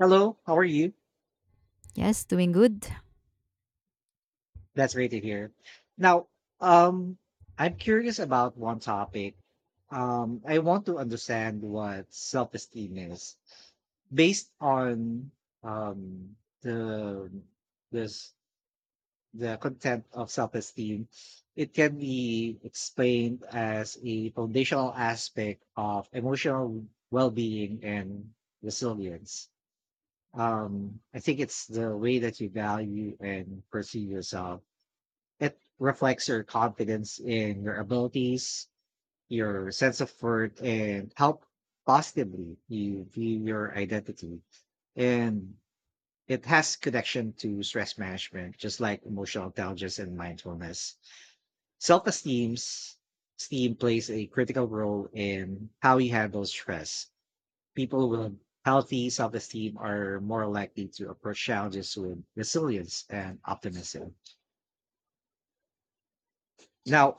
Hello, how are you? Yes, doing good. That's great to hear. Now, um, I'm curious about one topic. I want to understand what self-esteem is based on um the this the content of self-esteem. It can be explained as a foundational aspect of emotional well-being and resilience. I think it's the way that you value and perceive yourself. It reflects your confidence in your abilities, your sense of worth, and how positively you view your identity. And it has connection to stress management, just like emotional intelligence and mindfulness. Self-esteem esteem plays a critical role in how you handle stress. People with healthy self-esteem are more likely to approach challenges with resilience and optimism. Now,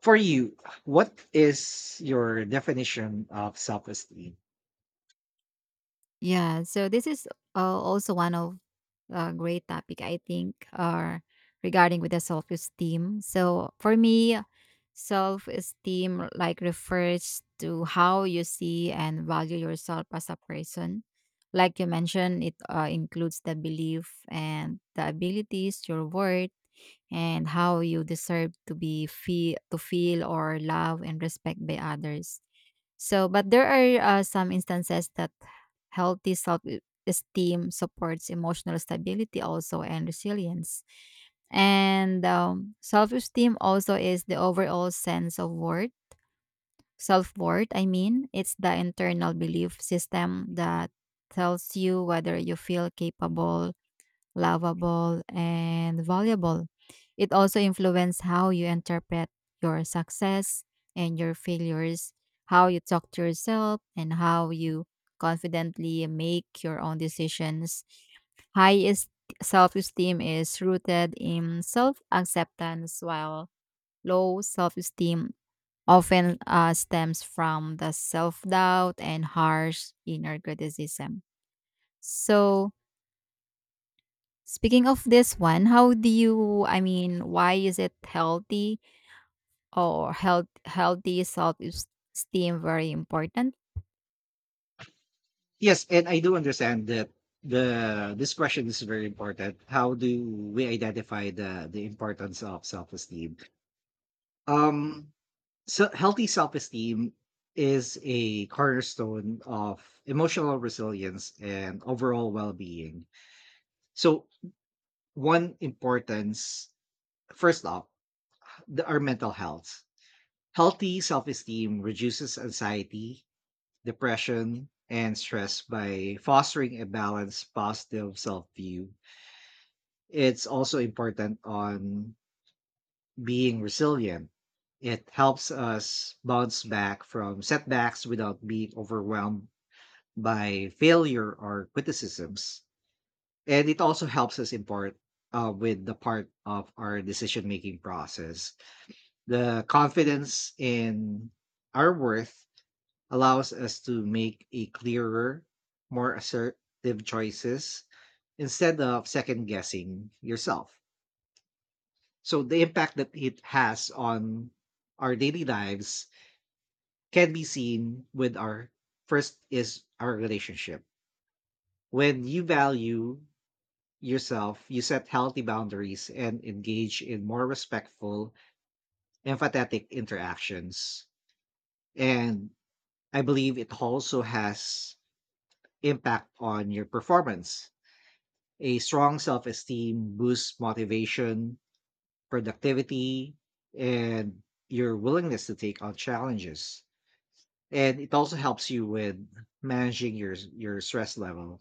for you, what is your definition of self-esteem? Yeah, so this is also one of a great topic I think, regarding with the self-esteem. So for me, self-esteem like refers to how you see and value yourself as a person. Like you mentioned, it includes the belief and the abilities, your worth, and how you deserve to be feel to feel or love and respect by others. So, but there are some instances that healthy self esteem supports emotional stability also and resilience. And self esteem also is the overall sense of worth, self worth, I mean. It's the internal belief system that tells you whether you feel capable, lovable, and valuable. It also influences how you interpret your success and your failures, how you talk to yourself, and how you confidently make your own decisions. High self esteem is rooted in self acceptance, while low self esteem often stems from the self doubt and harsh inner criticism. So, speaking of this one, how do you, I mean, why is it healthy or healthy self-esteem very important? Yes, and I do understand that the this question is very important. How do we identify the importance of self-esteem? Um, so healthy self-esteem is a cornerstone of emotional resilience and overall well-being. So one importance, first off, our mental health. Healthy self-esteem reduces anxiety, depression, and stress by fostering a balanced, positive self view. It's also important on being resilient. It helps us bounce back from setbacks without being overwhelmed by failure or criticisms. And it also helps us impart with the part of our decision making process. The confidence in our worth allows us to make a clearer, more assertive choices instead of second guessing yourself. So the impact that it has on our daily lives can be seen with our first is our relationship. When you value yourself, you set healthy boundaries and engage in more respectful, empathetic interactions. And I believe it also has impact on your performance. A strong self esteem boosts motivation, productivity, and your willingness to take on challenges. And it also helps you with managing your stress level.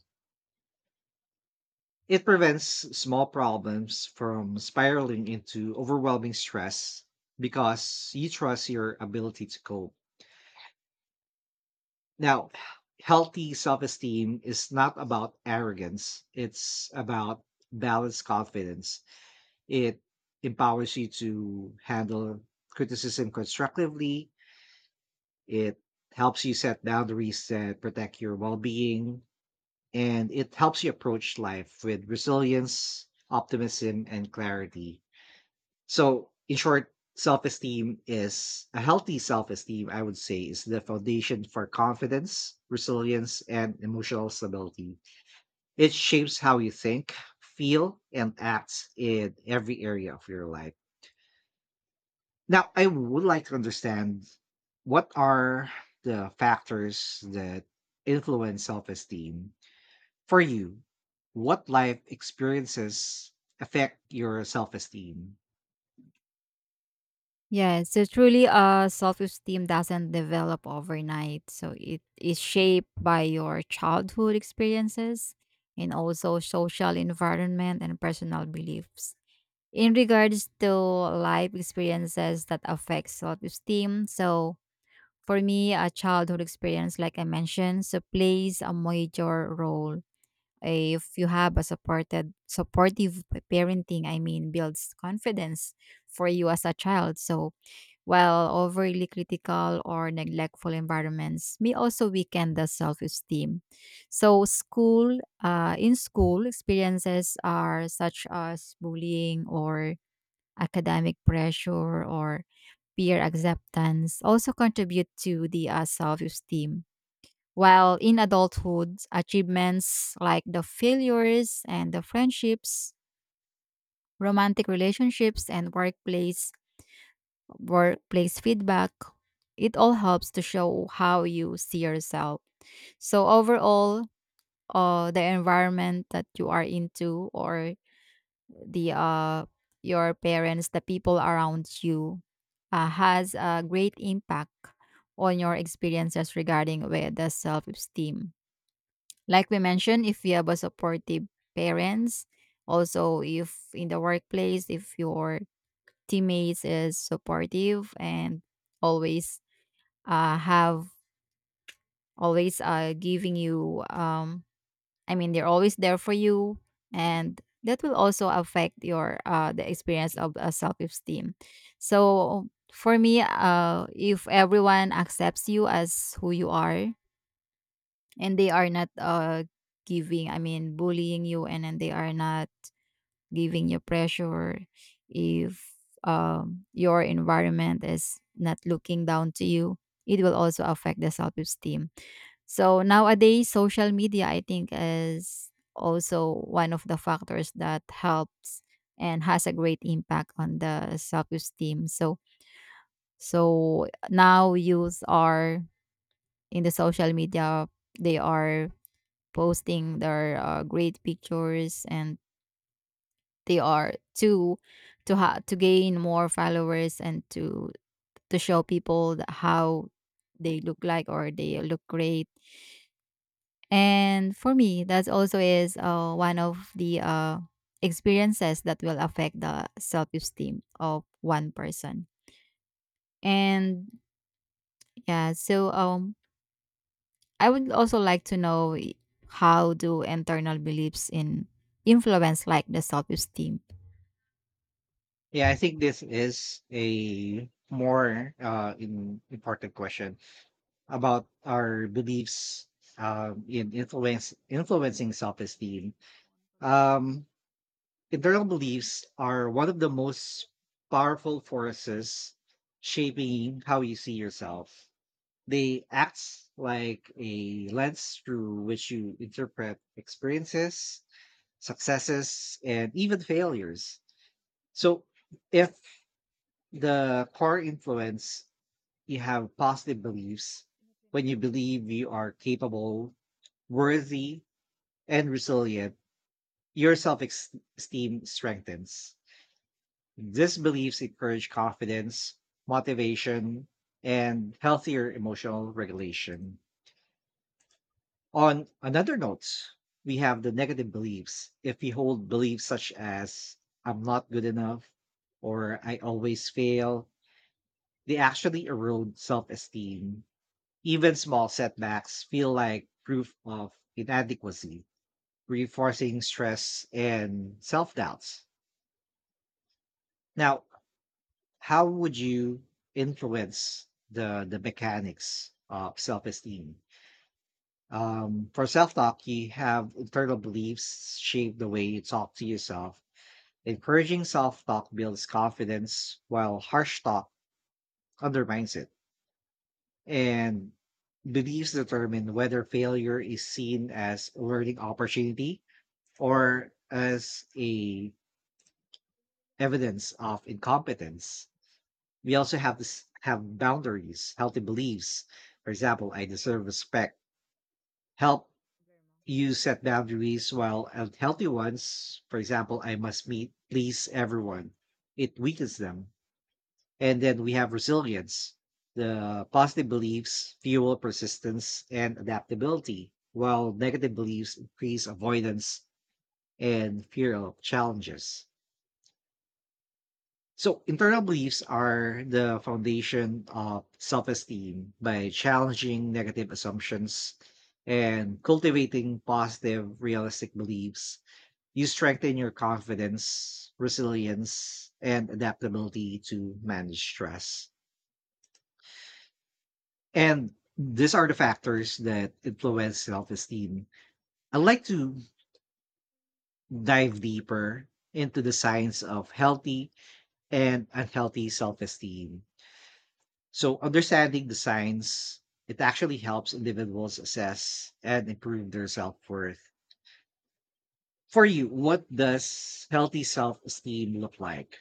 It prevents small problems from spiraling into overwhelming stress because you trust your ability to cope. Now, healthy self esteem is not about arrogance, it's about balanced confidence. It empowers you to handle criticism constructively. It helps you set boundaries that protect your well being. And it helps you approach life with resilience, optimism, and clarity. So, in short, self esteem is a healthy self esteem, I would say, is the foundation for confidence, resilience, and emotional stability. It shapes how you think, feel, and act in every area of your life. Now, I would like to understand what are the factors that influence self esteem for you? What life experiences affect your self esteem? Yeah, so truly self-esteem doesn't develop overnight. So it is shaped by your childhood experiences and also social environment and personal beliefs. In regards to life experiences that affect self-esteem, so for me, a childhood experience, like I mentioned, so plays a major role. If you have a supportive parenting, I mean, builds confidence for you as a child. So while overly critical or neglectful environments may also weaken the self-esteem. So school, in school, experiences are such as bullying or academic pressure or peer acceptance also contribute to the self esteem. While in adulthood, achievements like the failures and the friendships, romantic relationships, and workplace feedback, it all helps to show how you see yourself. So overall, the environment that you are into or the your parents, the people around you has a great impact on your experiences regarding with the self-esteem. Like we mentioned, if you have a supportive parents, also if in the workplace if your teammates is supportive and always have always giving you I mean, they're always there for you, and that will also affect your the experience of self esteem. So for me, if everyone accepts you as who you are, and they are not I mean, bullying you, and then they are not giving you pressure, if your environment is not looking down to you, it will also affect the self esteem. So nowadays, social media, I think, is also one of the factors that helps and has a great impact on the self-esteem. So, so now youth are in the social media. They are posting their great pictures, and they are to gain more followers and to show people that how they look like or they look great. And for me, that also is one of the experiences that will affect the self esteem of one person. And yeah, so I would also like to know how do internal beliefs in influence like the self esteem. Yeah, I think this is a more important question about our beliefs, in influence influencing self esteem. Um, Internal beliefs are one of the most powerful forces shaping how you see yourself. They act like a lens through which you interpret experiences, successes, and even failures. So, if the core influence, you have positive beliefs. When you believe you are capable, worthy, and resilient, your self esteem strengthens. These beliefs encourage confidence, motivation, and healthier emotional regulation. On another note, we have the negative beliefs. If we hold beliefs such as, I'm not good enough, or I always fail, they actually erode self esteem. Even small setbacks feel like proof of inadequacy, reinforcing stress and self doubts. Now, how would you influence the mechanics of self-esteem? For self-talk, you have internal beliefs shape the way you talk to yourself. Encouraging self-talk builds confidence while harsh talk undermines it. And beliefs determine whether failure is seen as a learning opportunity or as a evidence of incompetence. We also have have boundaries, healthy beliefs. For example, I deserve respect. Help you set boundaries while unhealthy ones, for example, I must meet, please everyone. It weakens them. And then we have resilience. The positive beliefs fuel persistence and adaptability, while negative beliefs increase avoidance and fear of challenges. So, internal beliefs are the foundation of self esteem. By challenging negative assumptions and cultivating positive, realistic beliefs, you strengthen your confidence, resilience, and adaptability to manage stress. And these are the factors that influence self esteem. I'd like to dive deeper into the science of healthy and unhealthy self esteem. So understanding the signs, it actually helps individuals assess and improve their self-worth. For you, what does healthy self-esteem look like?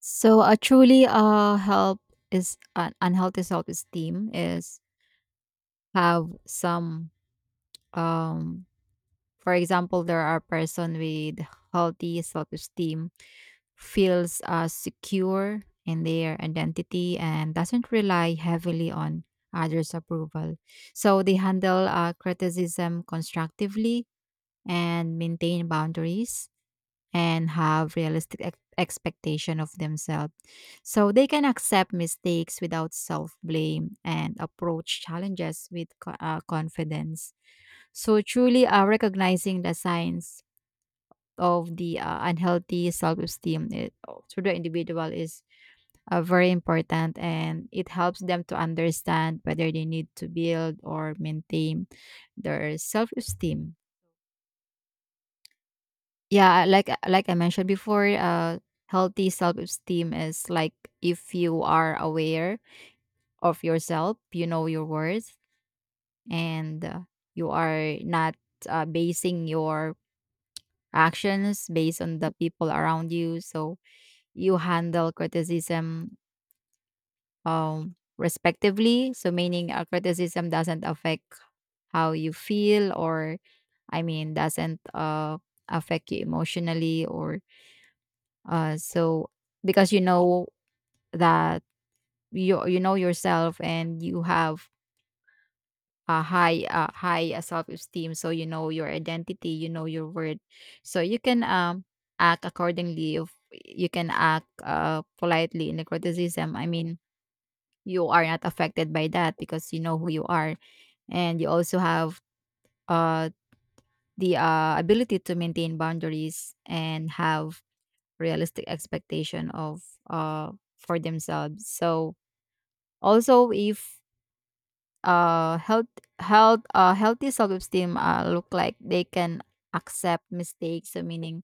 So a truly, help is an unhealthy self esteem is have some um, for example, there are person with healthy self-esteem feels secure in their identity and doesn't rely heavily on others' approval. So they handle criticism constructively and maintain boundaries and have realistic expectation of themselves. So they can accept mistakes without self-blame and approach challenges with confidence. So truly, recognizing the signs of the unhealthy self-esteem, it, to the individual is very important, and it helps them to understand whether they need to build or maintain their self-esteem. Yeah, like I mentioned before, healthy self-esteem is like if you are aware of yourself, you know your worth, and you are not basing your actions based on the people around you. So you handle criticism respectively. So, meaning a criticism doesn't affect how you feel, or I mean, doesn't affect you emotionally, or so because you know that you know yourself and you have a high self esteem, so you know your identity, you know your worth, so you can act accordingly. If you can act politely in the criticism, I mean, you are not affected by that because you know who you are, and you also have uh the ability to maintain boundaries and have realistic expectation of uh for themselves. So also if uh health healthy self-esteem look like, they can accept mistakes. So meaning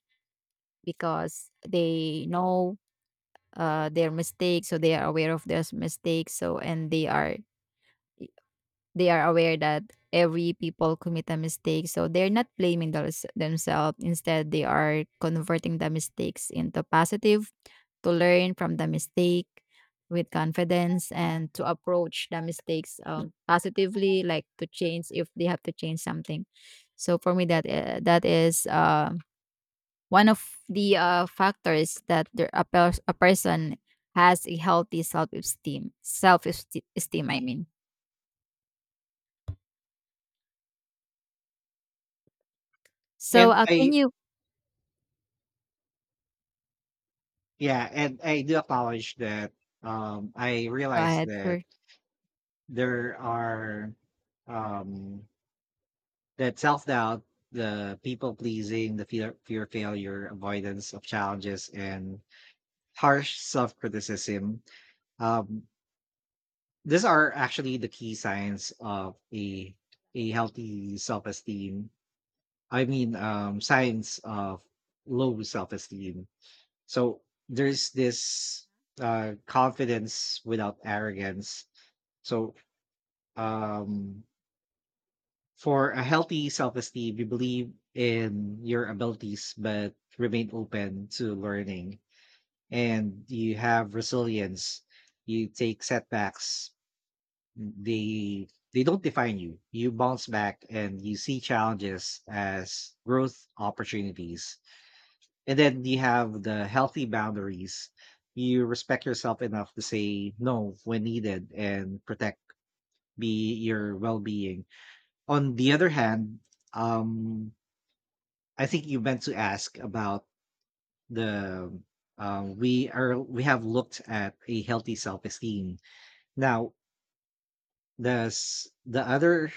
because they know their mistakes, so they are aware of their mistakes, so, and they are, they are aware that every people commit a mistake, so they're not blaming those themselves. Instead, they are converting the mistakes into positive, to learn from the mistake with confidence, and to approach the mistakes positively, like to change if they have to change something. So for me, that is one of the factors that there, a, a person has a healthy self-esteem self-esteem, I mean. So And can I, you. yeah, and I do acknowledge that I Go realize ahead. that Sure. there are um that self-doubt, the people pleasing, the fear of failure, avoidance of challenges, and harsh self-criticism. um These are actually the key signs of a healthy self-esteem. I mean, signs of low self-esteem. So there's this confidence without arrogance. So, um, for a healthy self-esteem, you believe in your abilities but remain open to learning, and you have resilience. You take setbacks, they they don't define you. You bounce back and you see challenges as growth opportunities. And then you have the healthy boundaries. You respect yourself enough to say no when needed and protect be your well-being. On the other hand, um I think you meant to ask about the we are, we have looked at a healthy self-esteem. Now the other,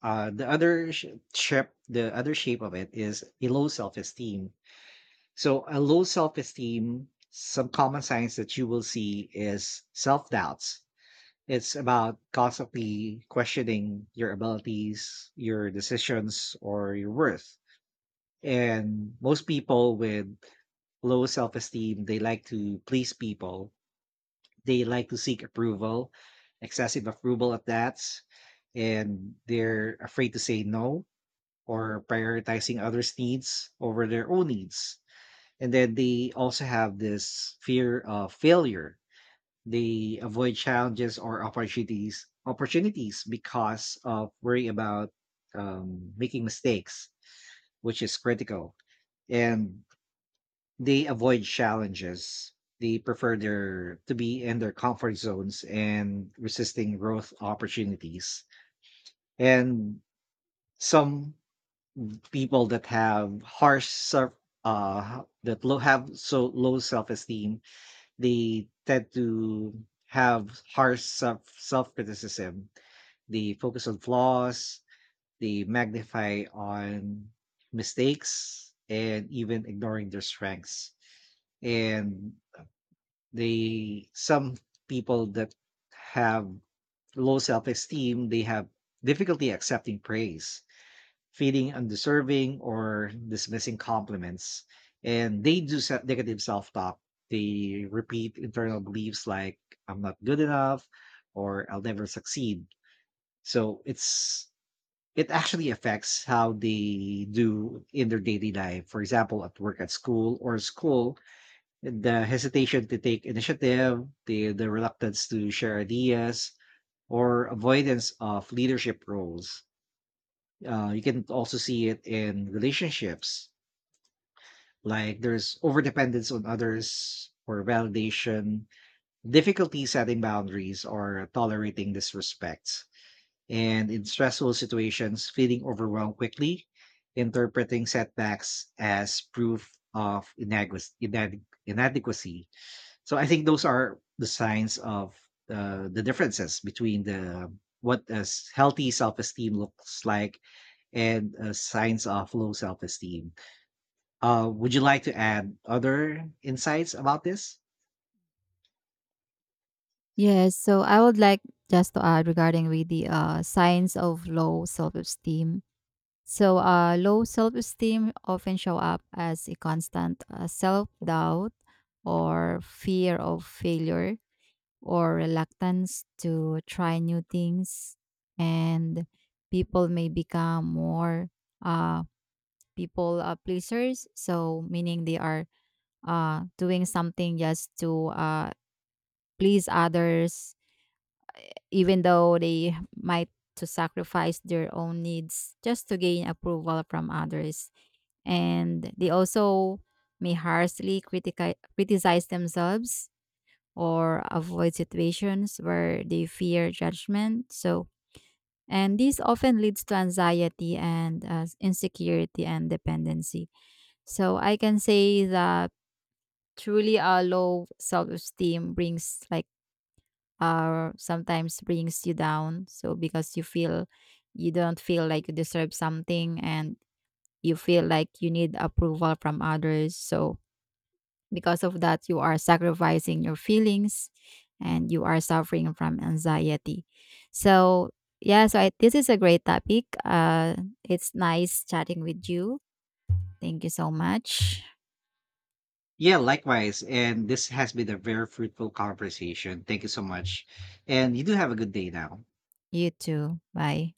the other shape the other shape of it is a low self-esteem. So a low self-esteem, some common signs that you will see is self-doubts. It's about constantly questioning your abilities, your decisions, or your worth. And most people with low self-esteem, they like to please people. They like to seek approval, excessive approval at that, and they're afraid to say no or prioritizing others' needs over their own needs. And then they also have this fear of failure. They avoid challenges or opportunities because of worry about making mistakes, which is critical. And they avoid challenges. They prefer their to be in their comfort zones and resisting growth opportunities. And some people that have harsh self, that low have so low self-esteem, they tend to have harsh self-criticism. They focus on flaws, they magnify on mistakes, and even ignoring their strengths. And they some people that have low self-esteem, they have difficulty accepting praise, feeling undeserving or dismissing compliments. And they do negative self talk. They repeat internal beliefs like, I'm not good enough or I'll never succeed. So it actually affects how they do in their daily life. For example, at work, at school, the hesitation to take initiative, the reluctance to share ideas, or avoidance of leadership roles. You can also see it in relationships, like there's overdependence on others for validation, difficulty setting boundaries, or tolerating disrespect. And in stressful situations, feeling overwhelmed quickly, interpreting setbacks as proof of inadequacy. So I think those are the signs of the differences between the what a healthy self-esteem looks like and signs of low self esteem. Would you like to add other insights about this? Yes. So I would like just to add regarding with the signs of low self-esteem. So low self-esteem often show up as a constant self-doubt or fear of failure or reluctance to try new things. And people may become more uh, people pleasers. So meaning they are doing something just to please others, even though they might to sacrifice their own needs just to gain approval from others. And they also may harshly criticize themselves or avoid situations where they fear judgment. So, and this often leads to anxiety and insecurity and dependency. So I can say that truly a low self-esteem brings like, or sometimes brings you down. So because you feel you don't feel like you deserve something, and you feel like you need approval from others. So because of that, you are sacrificing your feelings and you are suffering from anxiety. So yeah, so I, this is a great topic. It's nice chatting with you. Thank you so much. Yeah, likewise. And this has been a very fruitful conversation. Thank you so much. And you do have a good day now. You too. Bye.